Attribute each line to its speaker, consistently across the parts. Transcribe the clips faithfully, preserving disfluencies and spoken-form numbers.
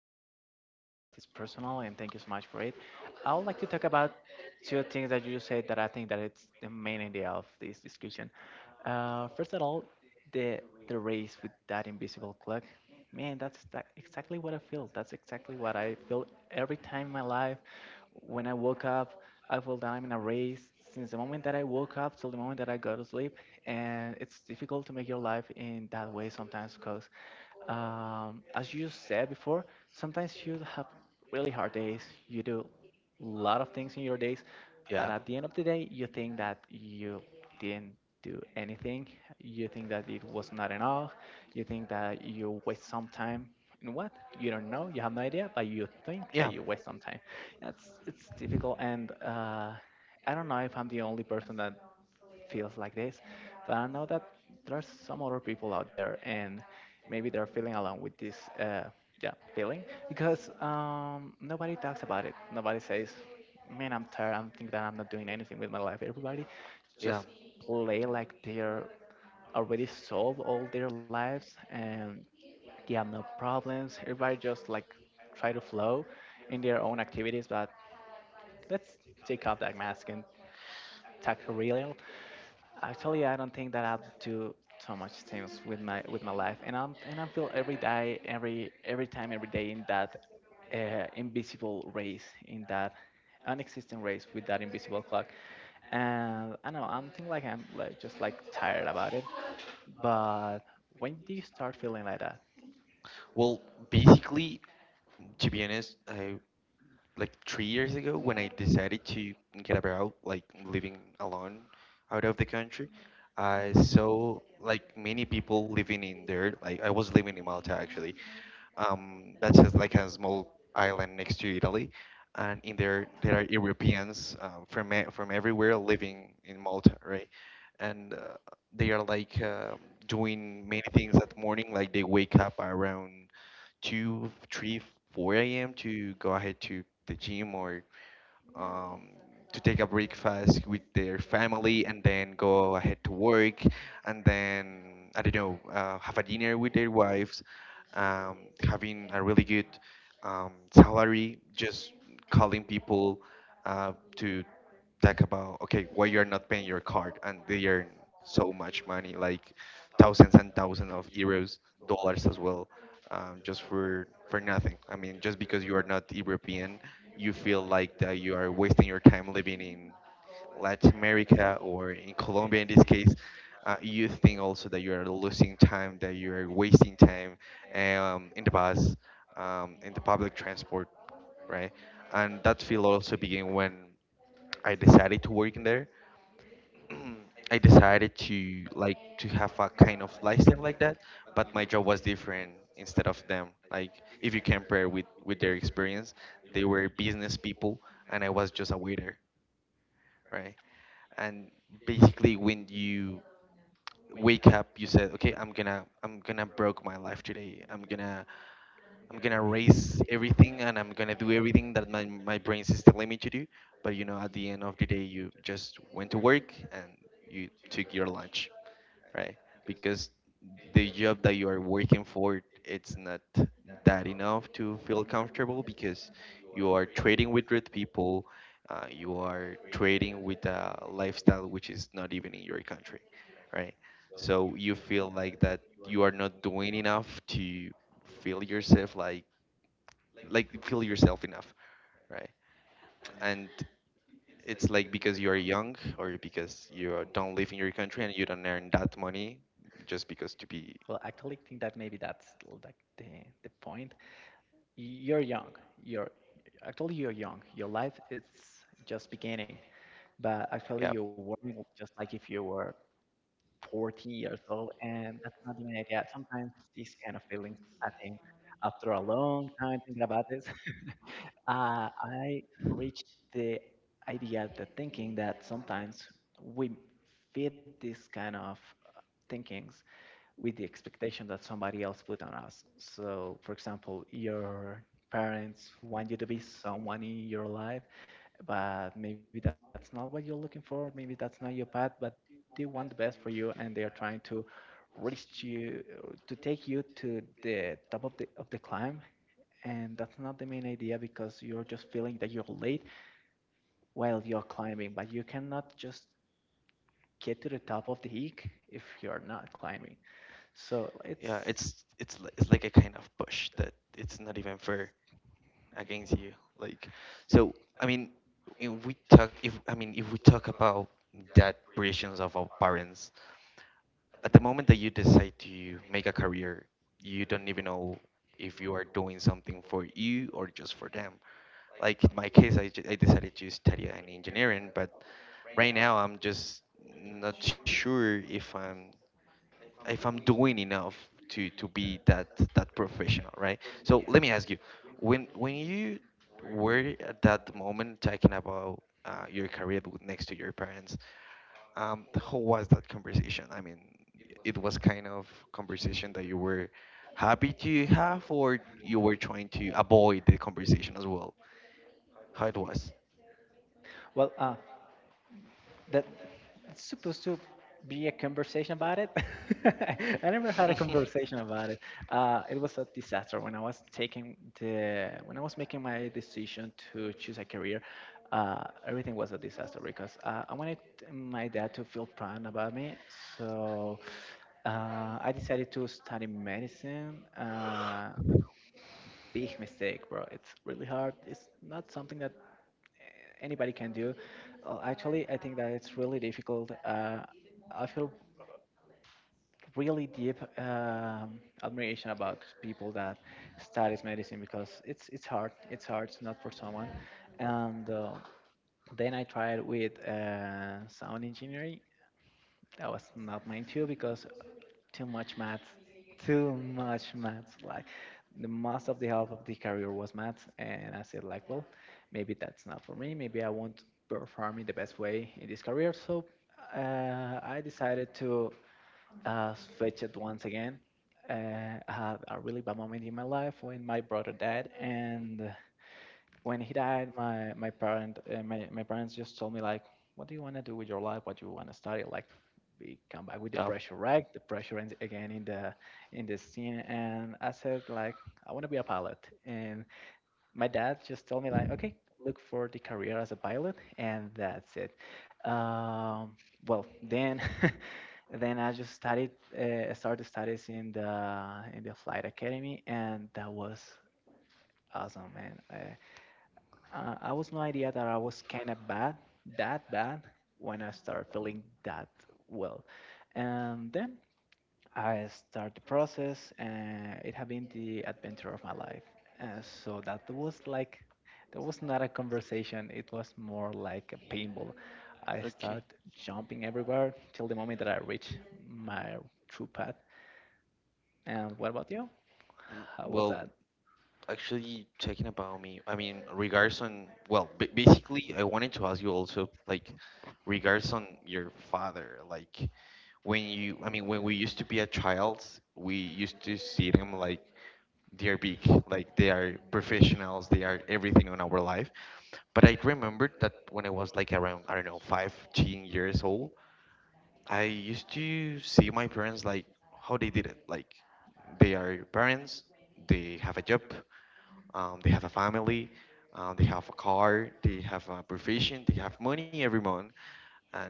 Speaker 1: really important. I know that is personal, and thank you so much for it. I would like to talk about two things that you said that I think that it's the main idea of this discussion. Uh, first of all, the the race with that invisible clock, man, that's tha- exactly what I feel. That's exactly what I feel every time in my life. When I woke up, I feel that I'm in a race since the moment that I woke up till the moment that I go to sleep, and it's difficult to make your life in that way sometimes because um, as you said before, sometimes you have really hard days. You do a lot of things in your days, but
Speaker 2: Yeah,
Speaker 1: at the end of the day, you think that you didn't do anything. You think that it was not enough. You think that you waste some time. And what? You don't know. You have no idea, but you think that you
Speaker 2: yeah,
Speaker 1: waste some time. That's It's difficult, and uh, I don't know if I'm the only person that feels like this, but I know that there are some other people out there and maybe they're feeling alone with this uh, yeah, feeling because um, nobody talks about it. Nobody says, man, I'm tired. I'm thinking that I'm not doing anything with my life. Everybody just
Speaker 2: yeah.
Speaker 1: play like they're already solved all their lives and they have no problems. Everybody just like try to flow in their own activities, but let's take off that mask and talk real. Actually, I don't think that I do so much things with my with my life, and I'm and I feel every day, every every time, every day in that uh, invisible race, in that unexistent race with that invisible clock. And I know I'm thinking like I'm like just like tired about it. But when do you start feeling like that?
Speaker 2: Well, basically, to be honest, I like three years ago when I decided to get about like living alone out of the country, I saw like many people living in there. Like I was living in Malta actually. Um, that's just like a small island next to Italy, and in there there are Europeans um, from e- from everywhere living in Malta, right? And uh, They are like uh, doing many things that morning. Like they wake up around two, three, four a m to go ahead to the gym, or um, to take a breakfast with their family, and then go ahead to work, and then I don't know, uh, have a dinner with their wives, um, having a really good um, salary, just calling people uh, to talk about, okay, why you're not paying your card, and they earn so much money, like thousands and thousands of euros, dollars as well, um, just for for nothing. I mean, just because you are not European, you feel like that you are wasting your time living in Latin America or in Colombia in this case. Uh, you think also that you are losing time, that you are wasting time, um, in the bus, um, in the public transport, right? And that feel also began when I decided to work in there. I decided to like to have a kind of lifestyle like that, but my job was different instead of them. Like if you compare with with their experience, they were business people and I was just a waiter, right? And basically when you wake up, you said, okay, I'm gonna I'm gonna broke my life today. I'm gonna I'm gonna raise everything, and I'm gonna do everything that my, my brain is telling me to do. But you know, at the end of the day, you just went to work and you took your lunch, right? Because the job that you are working for, it's not that enough to feel comfortable, because you are trading with rude people. Uh, you are trading with a lifestyle which is not even in your country, right? So you feel like that you are not doing enough to feel yourself like, like feel yourself enough, right? And it's like because you are young, or because you are- don't live in your country and you don't earn that money, just because to be...
Speaker 1: Well, I actually think that maybe that's like the the point. You're young. You're Actually, you're young. Your life is just beginning, but
Speaker 2: Yeah,
Speaker 1: actually you're working just like if you were forty years old, and that's not even an idea. Sometimes these kind of feelings, I think, after a long time thinking about this, uh, I reached the idea, the thinking that sometimes we feed this kind of uh, thinkings with the expectation that somebody else put on us. So, for example, your parents want you to be someone in your life, but maybe that's not what you're looking for, maybe that's not your path, but they want the best for you and they are trying to reach you, to take you to the top of the of the climb, and that's not the main idea because you're just feeling that you're late while you're climbing, but you cannot just get to the top of the peak if you're not climbing. So
Speaker 2: yeah.
Speaker 1: it's,
Speaker 2: It's it's li- it's like a kind of push that it's not even fair against you. Like, so I mean, if we talk, if I mean, if we talk about that pressures of our parents, at the moment that you decide to make a career, you don't even know if you are doing something for you or just for them. Like in my case, I, ju- I decided to study an engineering. But right now I'm just not sure if I'm, if I'm doing enough to to be that that professional, right? So let me ask you, when when you were at that moment talking about uh, your career with- next to your parents, um, how was that conversation? I mean, it was kind of conversation that you were happy to have, or you were trying to avoid the conversation as well. How it was?
Speaker 1: well, uh, that it's supposed to be a conversation about it. I never had a conversation about it. Uh, it was a disaster when I was taking the when I was making my decision to choose a career. Uh, everything was a disaster because uh, I wanted my dad to feel proud about me. So uh, I decided to study medicine. Uh, big mistake, bro. It's really hard. It's not something that anybody can do. Uh, Actually, I think that it's really difficult. Uh, I feel really deep um, admiration about people that studies medicine because it's it's hard. It's hard, it's not for someone. And uh, then I tried with uh, sound engineering, that was not mine too because too much maths, too much maths. Like the most of the half of the career was maths, and I said like, well, maybe that's not for me. Maybe I won't perform in the best way in this career. So uh, I decided to uh, switch it once again. Uh, I had a really bad moment in my life when my brother died, and when he died, my my parent uh, my my parents just told me like, what do you want to do with your life? What do you want to study? Like, we come back with the
Speaker 2: Yeah.
Speaker 1: pressure, right? The pressure and again in the in the scene, and I said like, I want to be a
Speaker 2: Like.
Speaker 1: pilot, and my dad just told me like, okay, look for the career as a pilot, and that's it. Um, well, then. Then I just studied, uh, started studies in the in the flight academy, and that was awesome, man. Uh, uh, I was no idea that I was kind of bad, that bad, when I started feeling that, well. And then I start the process, and it had been the adventure of my life. Uh, so that was like, that was not a conversation. It was more like a paintball. I start
Speaker 2: Okay.
Speaker 1: jumping everywhere till the moment that I reach my true path. And what about you?
Speaker 2: Mm.
Speaker 1: How was
Speaker 2: Well,
Speaker 1: that?
Speaker 2: actually, talking about me, I mean, regards on, well, b basically, I wanted to ask you also, like, regards on your father. Like, when you, I mean, when we used to be a child, we used to see him like they are big, like they are professionals, they are everything on our life. But I remembered that when I was like around, I don't know, fifteen years old, I used to see my parents, like, how they did it. Like, they are parents, they have a job, um, they have a family, um, they have a car, they have a profession, they have money every month. And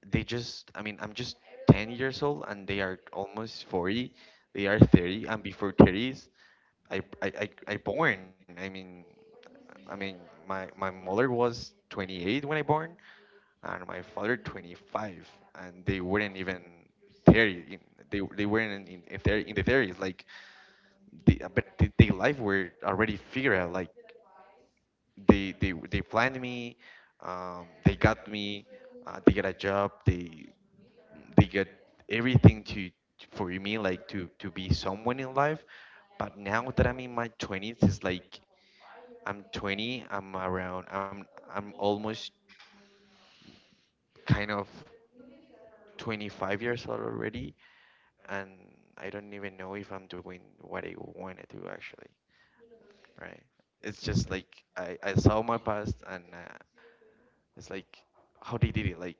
Speaker 2: they just, I mean, I'm just ten years old and they are almost forty. They are thirty, and before thirty I, I, I, I born. I mean, I mean, my my mother was twenty-eight when I born, and my father twenty-five, and they weren't even thirty. In, they they weren't in in, their, in the thirties. Like, they, but they, they life were already figured out. Like, they they they planned me, um, they got me, uh, they got a job, they they got everything to, for me, like to to be someone in life. But now that I'm in my twenties, it's like I'm twenty. I'm around. I'm I'm almost kind of twenty-five years old already, and I don't even know if I'm doing what I want to do actually. Right? It's just like I I saw my past, and uh, it's like how they did it. Like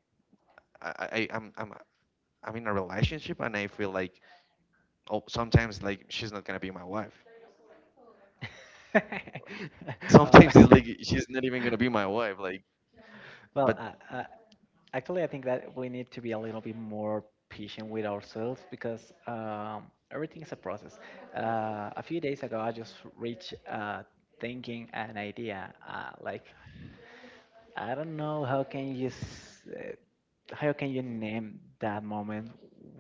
Speaker 2: I I I'm I'm I'm in a relationship, and I feel like, oh, sometimes like she's not gonna be my wife.
Speaker 1: Uh,
Speaker 2: Sometimes it's like she's not even gonna be my wife. Like,
Speaker 1: Well,
Speaker 2: but
Speaker 1: I, I actually, I think that we need to be a little bit more patient with ourselves because um, everything is a process. Uh, a few days ago, I just reached uh, thinking an idea. Uh, like I don't know how can you s- uh, how can you name that moment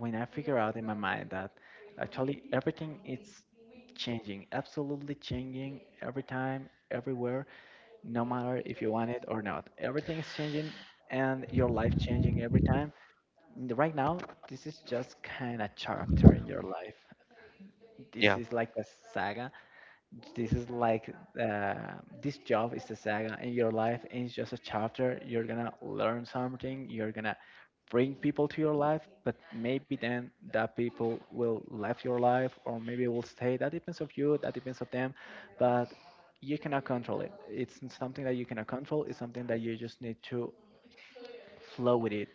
Speaker 1: when I figure out in my mind that actually everything is changing, absolutely changing every time, everywhere, no matter if you want it or not. Everything is changing and your life changing every time. N- right now this is just kind of chapter in your life. This
Speaker 2: yeah,
Speaker 1: is like a saga. This is like uh, this job is a saga in your life, and it's just a chapter. You're gonna learn something, you're gonna bring people to your life, but maybe then that people will leave your life or maybe will stay. That depends of you, that depends of them, but you cannot control it. It's n- something that you cannot control, it's something that you just need to flow with it.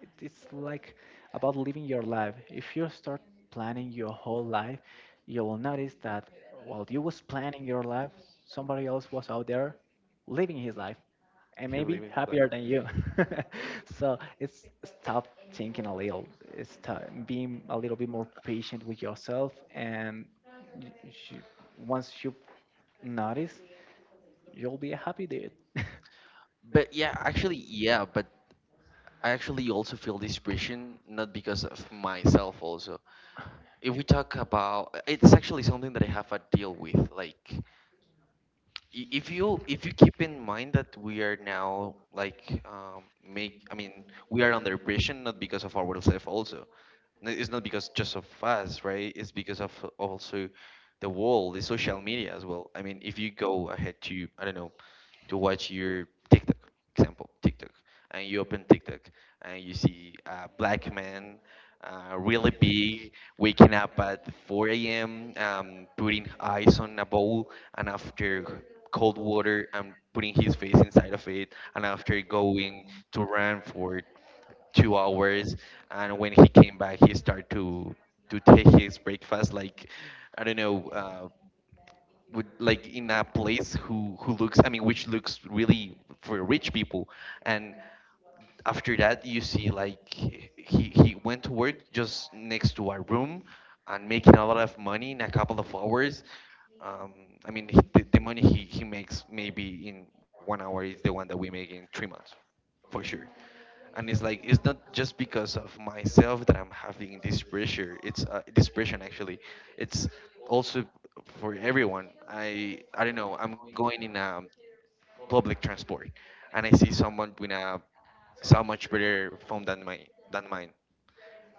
Speaker 1: It, it's like about living your life. If you start planning your whole life, you will notice that while you was planning your life, somebody else was out there living his life and
Speaker 2: he
Speaker 1: maybe
Speaker 2: living his life.
Speaker 1: happier than you. So it's stop thinking a little, it's stop being a little bit more patient with yourself, and y- you, once you notice, you'll be a happy dude.
Speaker 2: But yeah, actually, yeah. But. I actually also feel this pressure, not because of myself also. If we talk about, it's actually something that I have a deal with. Like, i- if you, if you keep in mind that we are now like um, make, I mean, we are under pressure, not because of ourselves also. No, it's not because just of us, right? It's because of also the world, the social media as well. I mean, if you go ahead to, I don't know, to watch your TikTok, example, TikTok, and you open TikTok and you see a black man, uh, really big, waking up at four a m, um, putting ice on a bowl, and after cold water, and putting his face inside of it, and after going to run for two hours. And when he came back, he started to to take his breakfast, like, I don't know, uh, would like in a place who who looks, I mean which looks really for rich people. And after that, you see like he he went to work just next to our room, and making a lot of money in a couple of hours. um, I mean, he, the, the money he, he makes maybe in one hour is the one that we make in three months for sure. And it's like it's not just because of myself that I'm having this pressure. It's uh, this pressure actually, it's also for everyone. i I don't know, I'm going in a public transport and I see someone with a so much better phone than my than mine.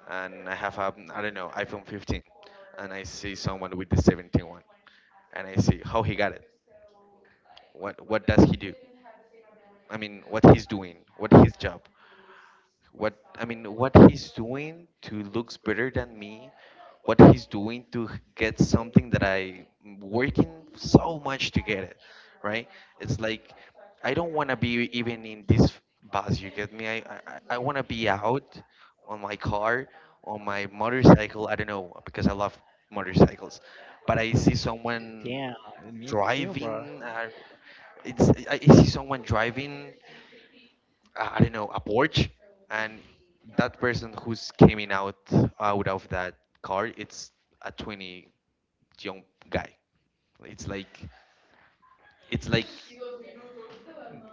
Speaker 2: And I have a, I don't know, iPhone fifteen, and I see someone with the seventeen one, and I see how he got it. What what does he do, I mean, what he's doing, what his job, what I mean, what he's doing to looks better than me, what he's doing to h- get something that I am working so much to get it, right? It's like I don't want to be even in this bus. You get me? I I, I want to be out on my car, on my motorcycle. I don't know because I love motorcycles. But I
Speaker 1: You'll-
Speaker 2: see someone
Speaker 1: yeah, me too, bro.
Speaker 2: driving. Uh, it's I I see someone driving, uh, I don't know, a porch, and that person who's coming out out of that car, it's a twenty young guy. It's like, it's like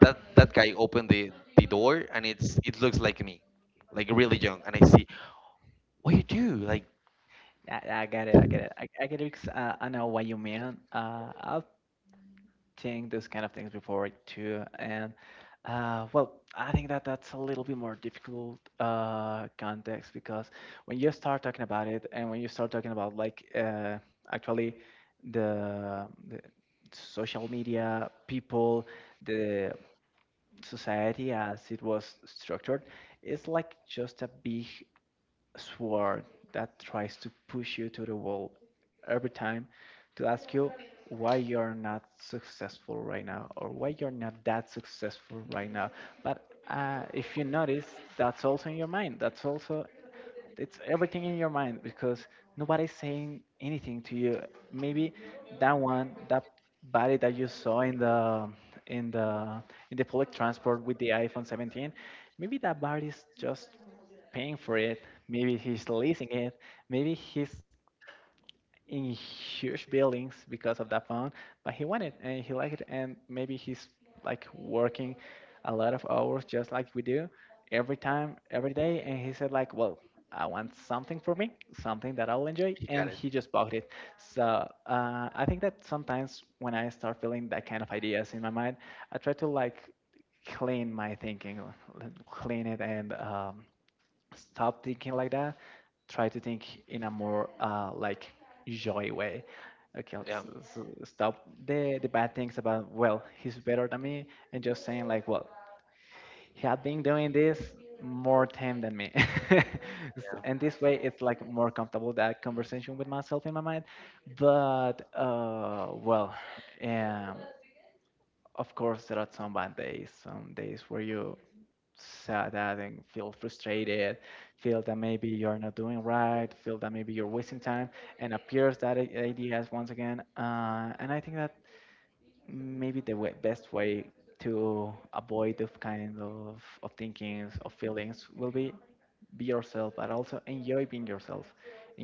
Speaker 2: that that guy opened the the door, and it's, it looks like me, like really young, and I see what you do, like,
Speaker 1: I, I get it. I get it. I, I get it because uh, I know what you mean. Uh, I have seen those kind of things before too, and uh, well, I think that that's a little bit more difficult uh, context because when you start talking about it, and when you start talking about like uh, actually the, the social media people, the society as it was structured, it's like just a big sword that tries to push you to the wall every time to ask you why you're not successful right now or why you're not that successful right now. But uh, if you notice, that's also in your mind. That's also, it's everything in your mind because nobody's saying anything to you. Maybe that one, that body that you saw in the in the in the public transport with the iPhone seventeen, maybe that body's just paying for it. Maybe he's leasing it. Maybe he's in huge buildings because of that phone, but he wanted and he liked it, and maybe he's like working a lot of hours just like we do every time, every day, and he said like, well, I want something for me, something that I will enjoy,
Speaker 2: you got it,
Speaker 1: and he just bought it. So uh, I think that sometimes when I start feeling that kind of ideas in my mind, I try to like clean my thinking, clean it, and um, stop thinking like that. Try to think in a more uh, like joy way. Okay,
Speaker 2: yeah.
Speaker 1: let's, let's, uh, stop the the bad things about, well, he's better than me, and just saying like, well, he had been doing this more time than me. S-
Speaker 2: Yeah.
Speaker 1: and this way, it's like more comfortable that conversation with myself in my mind. But uh, well, um, of course, there are some bad days, some days where you sad and feel frustrated, feel that maybe you're not doing right, feel that maybe you're wasting time, and appears that i- ideas once again. Uh, and I think that maybe the way, best way to avoid those kind of, of thinkings, of feelings, will be be yourself, but also enjoy being yourself.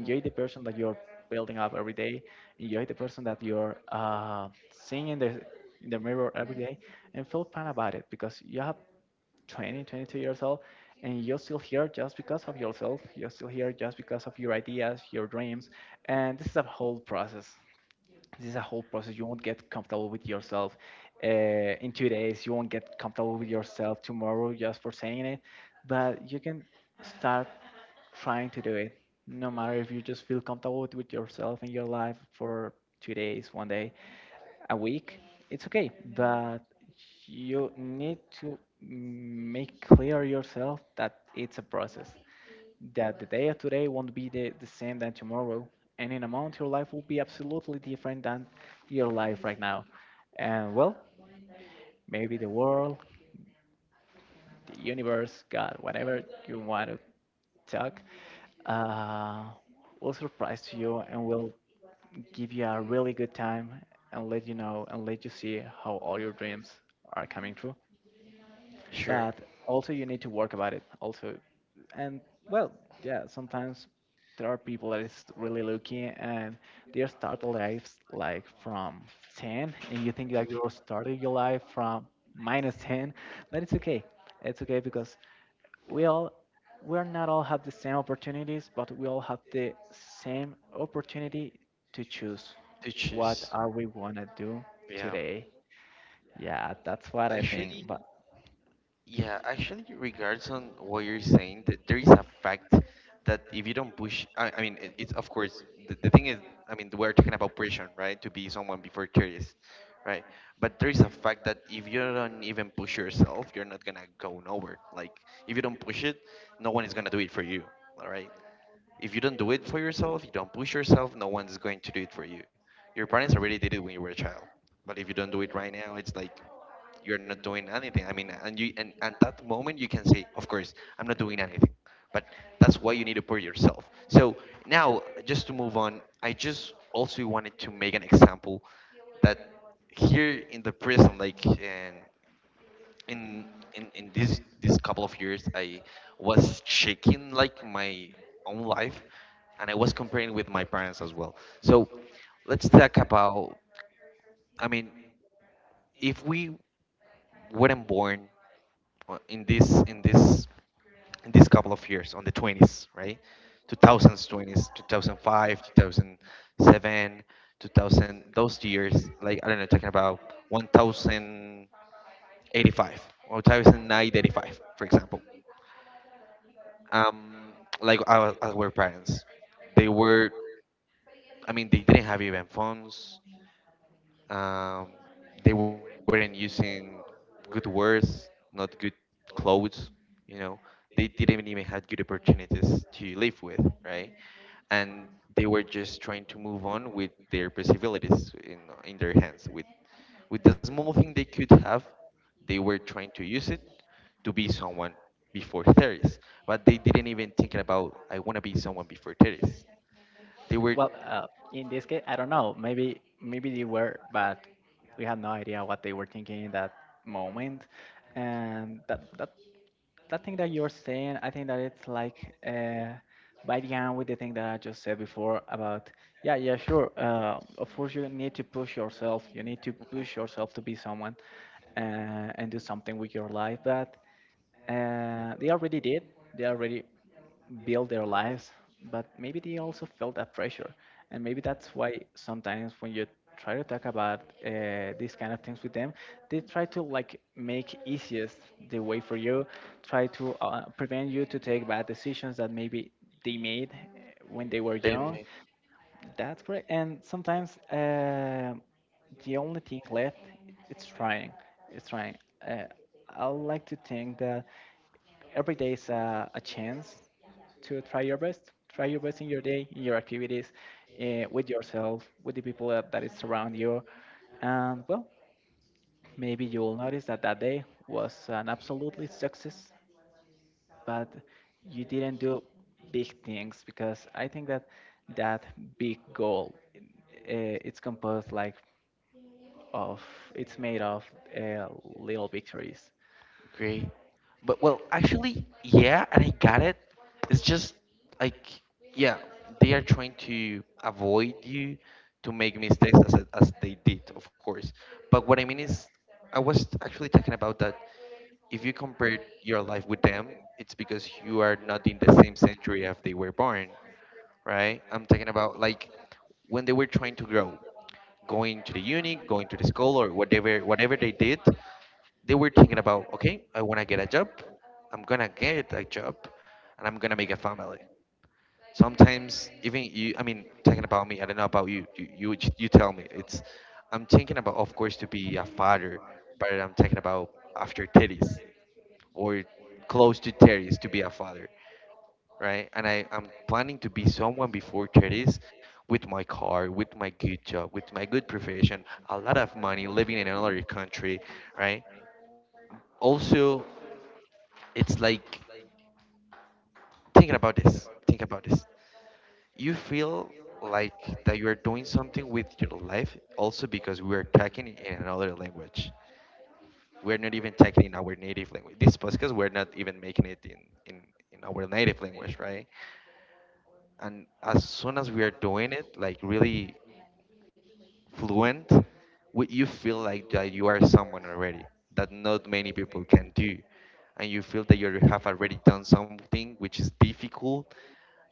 Speaker 2: Mm.
Speaker 1: the person that you're building up every day. Enjoy the person that you're uh, seeing in the in the mirror every day, and feel fine about it because you have twenty, twenty-two years old and you're still here just because of yourself. You're still here just because of your ideas, your dreams. And this is a whole process. This is a whole process. You won't get comfortable with yourself uh, in two days. You won't get comfortable with yourself tomorrow just for saying it. But you can start trying to do it. No matter if you just feel comfortable with with yourself in your life for two days, one day, a week, it's okay, but you need to make clear yourself that it's a process, that the day of today won't be the, the same than tomorrow, and in a month your life will be absolutely different than your life right now. And well, maybe the world, the universe, God, whatever you want to talk, uh, will surprise you and will give you a really good time and let you know and let you see how all your dreams are coming true.
Speaker 2: Sure.
Speaker 1: But also you need to work about it. Also, and well, yeah, sometimes there are people that is really lucky and they start their lives like from ten, and you think that you're starting your life from minus ten, but it's okay. It's okay because we all we're not all have the same opportunities, but we all have the same opportunity to choose what
Speaker 2: Teaches.
Speaker 1: are we want to do
Speaker 2: Yeah.
Speaker 1: today. Yeah, that's what I
Speaker 2: Actually,
Speaker 1: think. But
Speaker 2: yeah, actually, regards on what you're saying, th there is a fact that if you don't push, I, I mean, it, it's of course, the, the thing is, I mean, we're talking about pressure, right? To be someone before thirties, right? But there is a fact that if you don't even push yourself, you're not gonna go nowhere. Like, if you don't push it, no one is gonna do it for you, all right? If you don't do it for yourself, you don't push yourself, no one's going to do it for you. Your parents already did it when you were a child. But if you don't do it right now, it's like you're not doing anything. I mean, and you, and at that moment you can say, of course, I'm not doing anything. But that's why you need to push yourself. So now, just to move on, I just also wanted to make an example that here in the prison, like in in in, in this this couple of years, I was checking like my own life, and I was comparing with my parents as well. So let's talk about. I mean, if we weren't born uh, in this in this in this couple of years on the twenties, right? Two thousands twenties, two 2005, two thousand seven, two thousand, those years, like I don't know, talking about one thousand eighty-five or one thousand nine eighty-five, for example. Um, like our, our parents, they were, I mean, they didn't have even phones. Um, they weren't using good words, not good clothes. You know, they didn't even have good opportunities to live with, right? And they were just trying to move on with their possibilities in in their hands. With with the small thing they could have, they were trying to use it to be someone before thirties, but they didn't even think about I want to be someone before thirties. They were.
Speaker 1: well, uh, in this case I don't know, maybe maybe they were, but we had no idea what they were thinking in that moment. And that, that that thing that you're saying, I think that it's like uh, by the end with the thing that I just said before about, yeah, yeah, sure. Uh, of course, you need to push yourself. You need to
Speaker 2: Mhm.
Speaker 1: push yourself to be someone uh, and do something with your life. But uh, they already did. They already build their lives, but maybe they also felt that pressure. And maybe that's why sometimes when you try to talk about uh, these kind of things with them, they try to like make easiest the way for you, try to uh, prevent you to take bad decisions that maybe they made uh, when they were
Speaker 2: They.
Speaker 1: young. That's correct. And sometimes uh, the only thing left it's trying. It's trying. Uh, I like to think that every day is a, a chance to try your best. Try your best in your day, in your activities, uh, with yourself, with the people that, that is around you. And well, maybe you will notice that that day was an absolutely success, but you didn't do big things because I think that that big goal uh, it's composed like of it's made of uh, little victories.
Speaker 2: Great. But well, actually, yeah, and I got it. It's just like, yeah, they are trying to avoid you to make mistakes as as they did, of course. But what I mean is, I was actually talking about that. If you compare your life with them, it's because you are not in the same century as they were born, right? I'm talking about like when they were trying to grow, going to the uni, going to the school, or whatever whatever they did, they were thinking about, okay, I want to get a job. I'm going to get a job and I'm going to make a family. Sometimes even you, I mean, talking about me, I don't know about you, you, you, j- you tell me it's, I'm thinking about, of course, to be a father, but I'm talking about after thirties or close to thirties to be a father, right? And I, I'm planning to be someone before thirties with my car, with my good job, with my good profession, a lot of money, living in another country, right? Also, it's like, think about this, think about this. You feel like that you are doing something with your life, also because we're talking in another language. We're not even talking in our native language, this podcast. We're not even making it in in in our native language, right? And as soon as we are doing it like really fluent, we, you feel like that you are someone already, that not many people can do, and you feel that you have already done something which is difficult,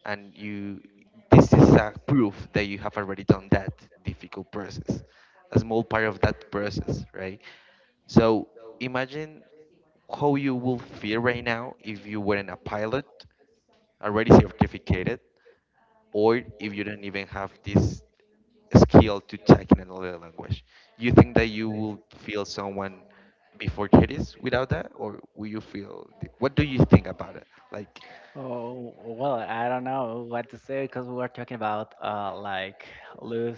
Speaker 2: and you this is a proof that you have already done that difficult process, a small part of that process, right? So imagine how you will feel right now if you weren't a pilot already certificated, or if you don't even have this skill to check in another language. You think that you will feel someone before thirties without that, or will you feel? What do you think about it, like?
Speaker 1: Oh, well, I don't know what to say because we were talking about uh, like lose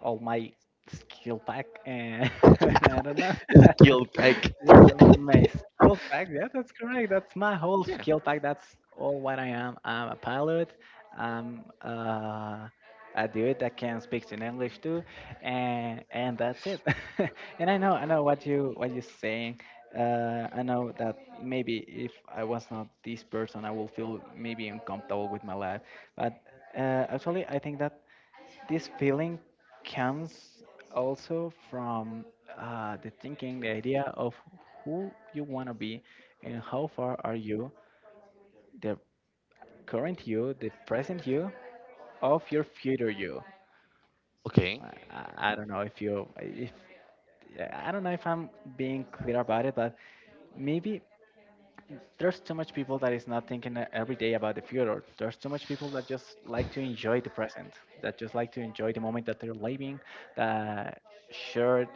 Speaker 1: all my skill pack and I don't know.
Speaker 2: Skill pack.
Speaker 1: Yeah, the- my skill pack, yeah, that's correct. That's my whole
Speaker 2: Yeah.
Speaker 1: skill pack. That's all what I am. I'm a pilot. I'm uh, a dude that can speak in English too, and and that's it. and I know I know what you what you're saying. Uh, I know that maybe if I was not this person, I will feel maybe uncomfortable with my life. But uh, actually, I think that this feeling comes also from uh, the thinking, the idea of who you want to be and how far are you, the current you, the present you, of your future you.
Speaker 2: Okay.
Speaker 1: I, I I don't know if you if I don't know if I'm being clear about it, but maybe there's too much people that is not thinking e- every day about the future. There's too much people that just like to enjoy the present, that just like to enjoy the moment that they're living, that share uh,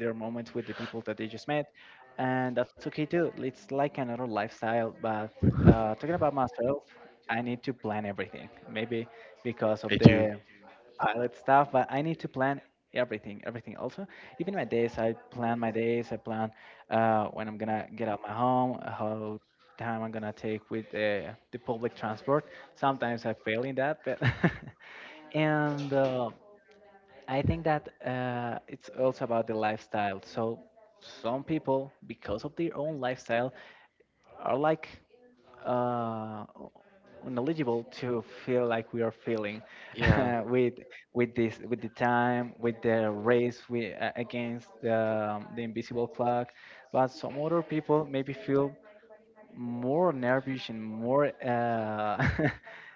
Speaker 1: their moments with the people that they just met, and that's okay too. It's like another lifestyle. But uh, talking about myself, I need to plan everything. Maybe because of
Speaker 2: I do.
Speaker 1: the pilot stuff, but I need to plan everything, everything also. Even my days, I plan my days, I plan uh, when I'm gonna get out of my home, how time I'm gonna take with uh, the public transport. Sometimes I fail in that, but and uh, I think that uh, it's also about the lifestyle. So some people, because of their own lifestyle, are like uh, knowledgeable to feel like we are feeling
Speaker 2: Yeah,
Speaker 1: with with this with the time with the race we, uh, against the, um, the invisible clock, but some other people maybe feel more nervous and more uh,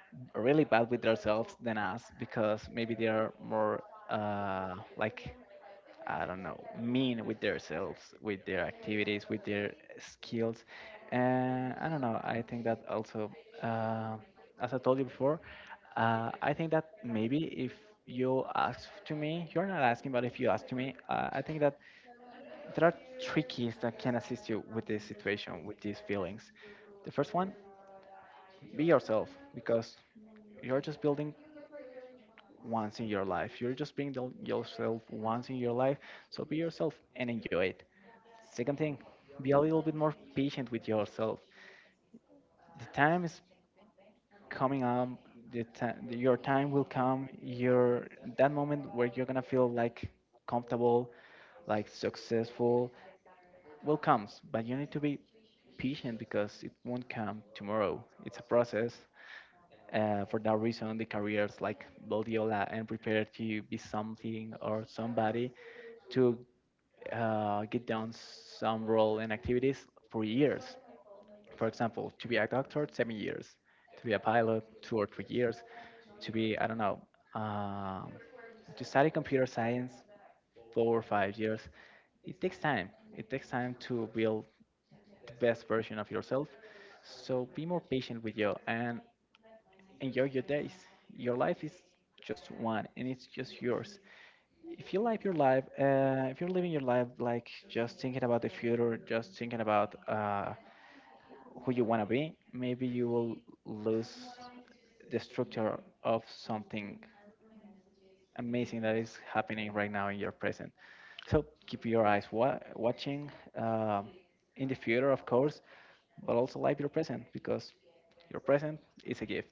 Speaker 1: really bad with themselves than us because maybe they are more uh, like I don't know, mean with themselves, with their activities, with their skills. And I don't know, I think that also, uh, as I told you before, uh, I think that maybe if you ask to me, you're not asking, but if you ask to me, uh, I think that there are three keys that can assist you with this situation, with these feelings. The first one, be yourself, because you're just building once in your life. You're just being the- yourself once in your life, so be yourself and enjoy it. Second thing, be a little bit more patient with yourself. The time is coming up. The time, your time will come, your that moment where you're gonna feel like comfortable, like successful, will comes, but you need to be patient because it won't come tomorrow. It's a process. Uh, for that reason the careers like Guardiola and prepare to be something or somebody to uh, get down some role and activities for years. For example, to be a doctor seven years, to be a pilot two or three years, to be I don't know, um, to study computer science four or five years. It takes time. It takes time to build the best version of yourself. So be more patient with you and enjoy your days. Your life is just one, and it's just yours. If you like your life, uh, if you're living your life like just thinking about the future, just thinking about uh, who you want to be, maybe you will lose the structure of something amazing that is happening right now in your present. So keep your eyes wa- watching um, in the future, of course, but also live your present because your present is a gift.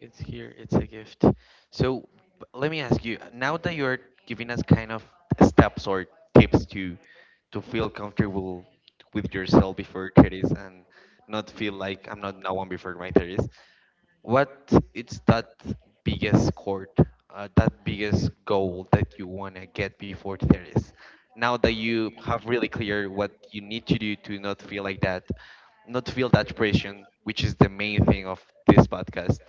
Speaker 2: it's here. It's a gift. So b- let me ask you, now that you're giving us kind of steps or tips to to feel comfortable with yourself before thirties and not feel like I'm not no one before my thirties. What is that biggest court, uh, that biggest goal that you want to get before thirties? Now that you have really clear what you need to do to not feel like that, not feel that pressure, which is the main thing of this podcast.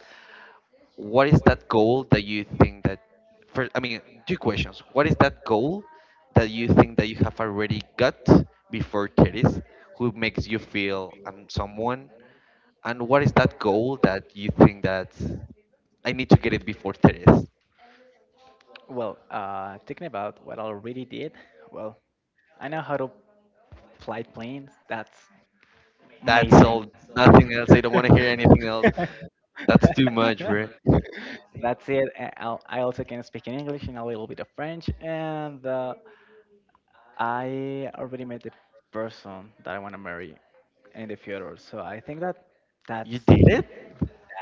Speaker 2: What is that goal that you think that, first, I mean, two questions. What is that goal that you think that you have already got before thirties, who makes you feel I'm someone? And what is that goal that you think that? I need to get it before thirtieth.
Speaker 1: Well, uh, thinking about what I already did, well, I know how to fly planes. That's
Speaker 2: That's
Speaker 1: amazing.
Speaker 2: all. Nothing else. I don't want to hear anything else. That's too much, bro.
Speaker 1: That's it. and I'll- I also can speak in English and a little bit of French, and uh, I already met the person that I want to marry in the future. So I think that
Speaker 2: You
Speaker 1: that's
Speaker 2: did it?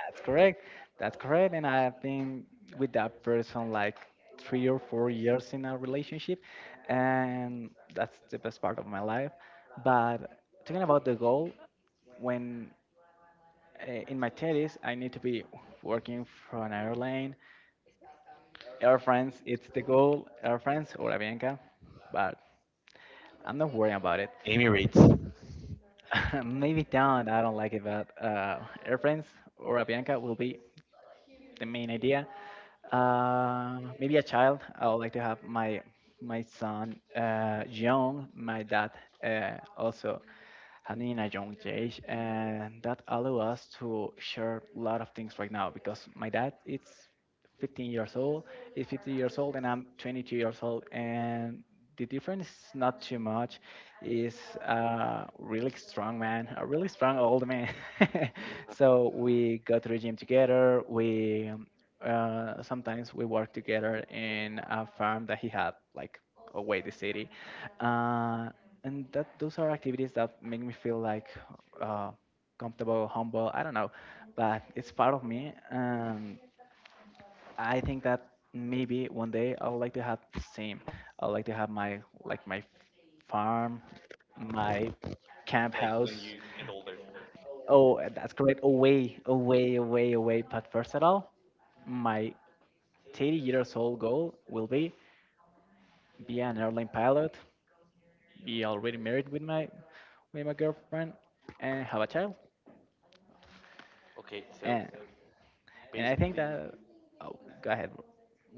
Speaker 1: that's correct. That's correct. And I've been with that person like three or four years in a relationship, and that's the best part of my life. But talking about the goal, when uh, in my thirties, I need to be working for an airline. Air France, it's the goal, Air France or Avianca, but I'm not worrying about it.
Speaker 2: Emirates.
Speaker 1: Maybe down, I don't like it, but uh, airplanes or Avianca will be the main idea. Uh, maybe a child. I would like to have my my son uh, young. My dad uh, also having a young age, and that allow us to share a lot of things right now because my dad it's fifteen years old, is fifty years old, and I'm twenty-two years old, and the difference is not too much. Is a really strong man, a really strong old man. So we go to the gym together. We um, uh, sometimes we work together in a farm that he had, like away the city. Uh, and that those are activities that make me feel like uh, comfortable, humble. I don't know, but it's part of me, and I think that maybe one day I would like to have the same. I would like to have my like my farm, my camp
Speaker 2: Like when
Speaker 1: house.
Speaker 2: you get older.
Speaker 1: Oh, uh, that's correct. Away, away, away, away. But first of all, my thirty years old goal will be be an airline pilot, be already married with my with my girlfriend, and have a child.
Speaker 2: Okay, so
Speaker 1: And And I think
Speaker 2: basically,
Speaker 1: that oh, go ahead.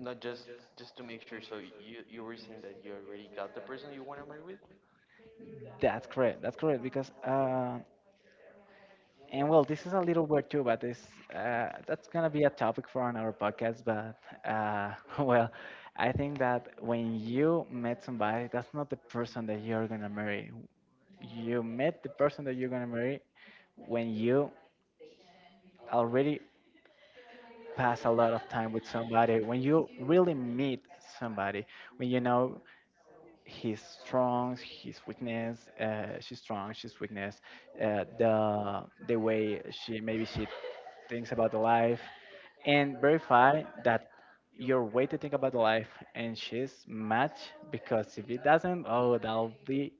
Speaker 2: not just just to make sure. So you you were saying that you already got the person you want to marry with.
Speaker 1: That's correct. That's correct because uh, and well, this is a little weird too, but this uh, that's gonna be a topic for another podcast. But uh, well, I think that when you met somebody, that's not the person that you're gonna marry. You met the person that you're gonna marry when you already pass a lot of time with somebody, when you really meet somebody, when you know his strengths, his weakness, uh, she's strong, she's weakness, uh, the the way she maybe she thinks about the life, and verify that your way to think about the life and she's match because if it doesn't, oh, that'll be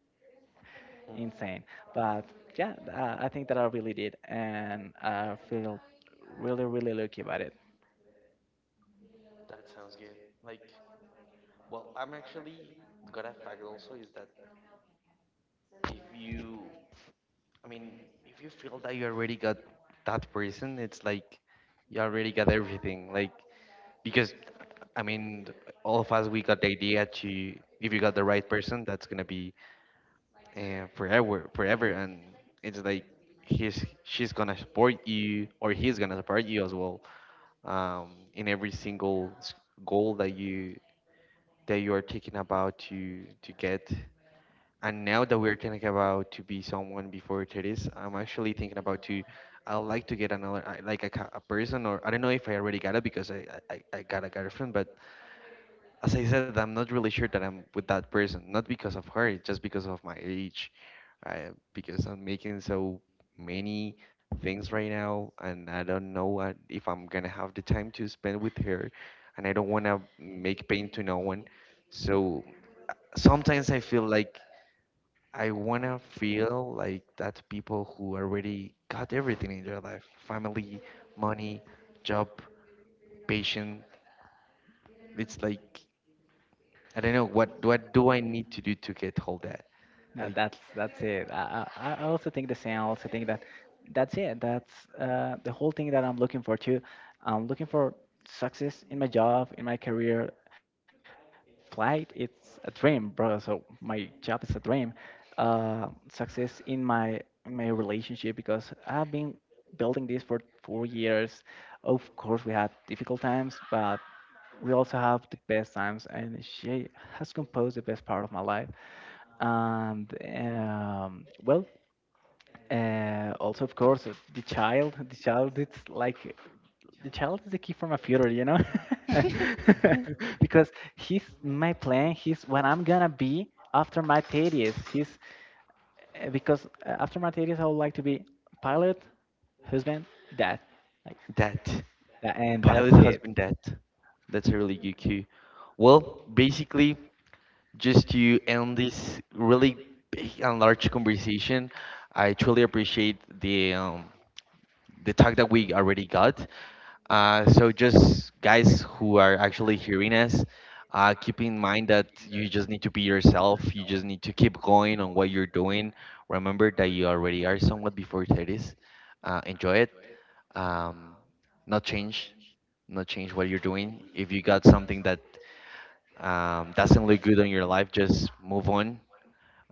Speaker 2: Hmm,
Speaker 1: insane. But yeah, uh, I think that I really did, and I feel really really lucky about it.
Speaker 2: that sounds good. Like, well, I'm actually got a fact also, is that if you, I mean, if you feel that you already got that person, it's like you already got everything. Like, because I mean, all of us we got the idea to, if you got the right person, that's gonna be uh, forever, forever, and it's like he's she's gonna support you, or he's gonna support you as well, um, in every single s- goal that you that you are thinking about to to get. And now that we're thinking about to be someone before thirties, I'm actually thinking about to. I would like to get another I- like a, ca- a person, or I don't know if I already got it, because I, I I I got a girlfriend, but as I said, I'm not really sure that I'm with that person, not because of her, it's just because of my age, uh, because I'm making so many things right now, and I don't know uh, if I'm gonna have the time to spend with her, and I don't wanna make pain to no one. So uh, sometimes I feel like I wanna feel like that people who already got everything in their life, family, money, job, patient. It's like I don't know what what do I need to do to get all that?
Speaker 1: Uh,
Speaker 2: Like
Speaker 1: that's that's it. I, I I also think the same. I also think that that's it. That's uh, the whole thing that I'm looking for too. I'm looking for success in my job, in my career. Flight, it's a dream, bro. So my job is a dream. Uh, success in my in my relationship because I've been building this for four years. Of course, we had difficult times, but we also have the best times, and she has composed the best part of my life. And um, well, uh, also, of course, uh, the child, the child, it's like the child is the key for my future, you know, because he's my plan. He's what I'm gonna be after my thirties. He's uh, because uh, after my thirties, I would like to be pilot, husband, dad, like
Speaker 2: that.
Speaker 1: that, and
Speaker 2: Pilot,
Speaker 1: that's it.
Speaker 2: husband, that. That's a really good cue. Well, basically, just to end this really big and large conversation, I truly appreciate the um, the talk that we already got. Uh, so just guys who are actually hearing us, uh, keep in mind that you just need to be yourself. You just need to keep going on what you're doing. Remember that you already are somewhat before thirties. Uh, enjoy it. Um, Not change, not change what you're doing. If you got something that um, doesn't look good on your life, just move on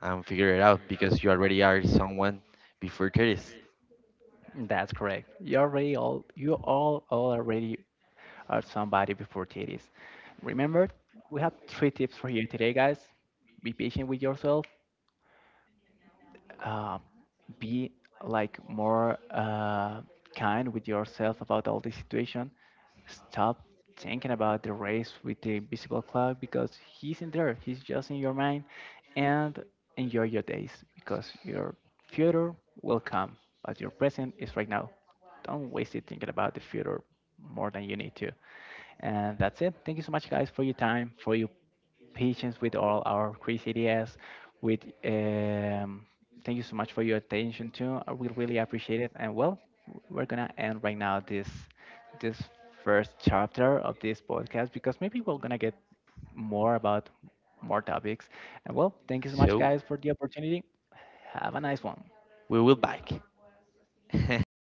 Speaker 2: and figure it out, because you already are someone before thirties.
Speaker 1: That's correct. You're already all you all all already are somebody before thirties. Remember, we have three tips for you today, guys. Be patient with yourself, uh, be like more uh, kind with yourself about all this situation. Stop thinking about the race with the invisible cloud because he's in there. He's just in your mind, and enjoy your days because your future will come, but your present is right now. Don't waste it thinking about the future more than you need to. And that's it. Thank you so much, guys, for your time, for your patience with all our crazy ideas. With um, thank you so much for your attention too. I will really appreciate it. And well, we're gonna end right now this this first chapter of this podcast because maybe we're gonna get more about more topics. And well, thank you so much,
Speaker 2: So
Speaker 1: guys, for the opportunity. Have a nice one.
Speaker 2: we will back.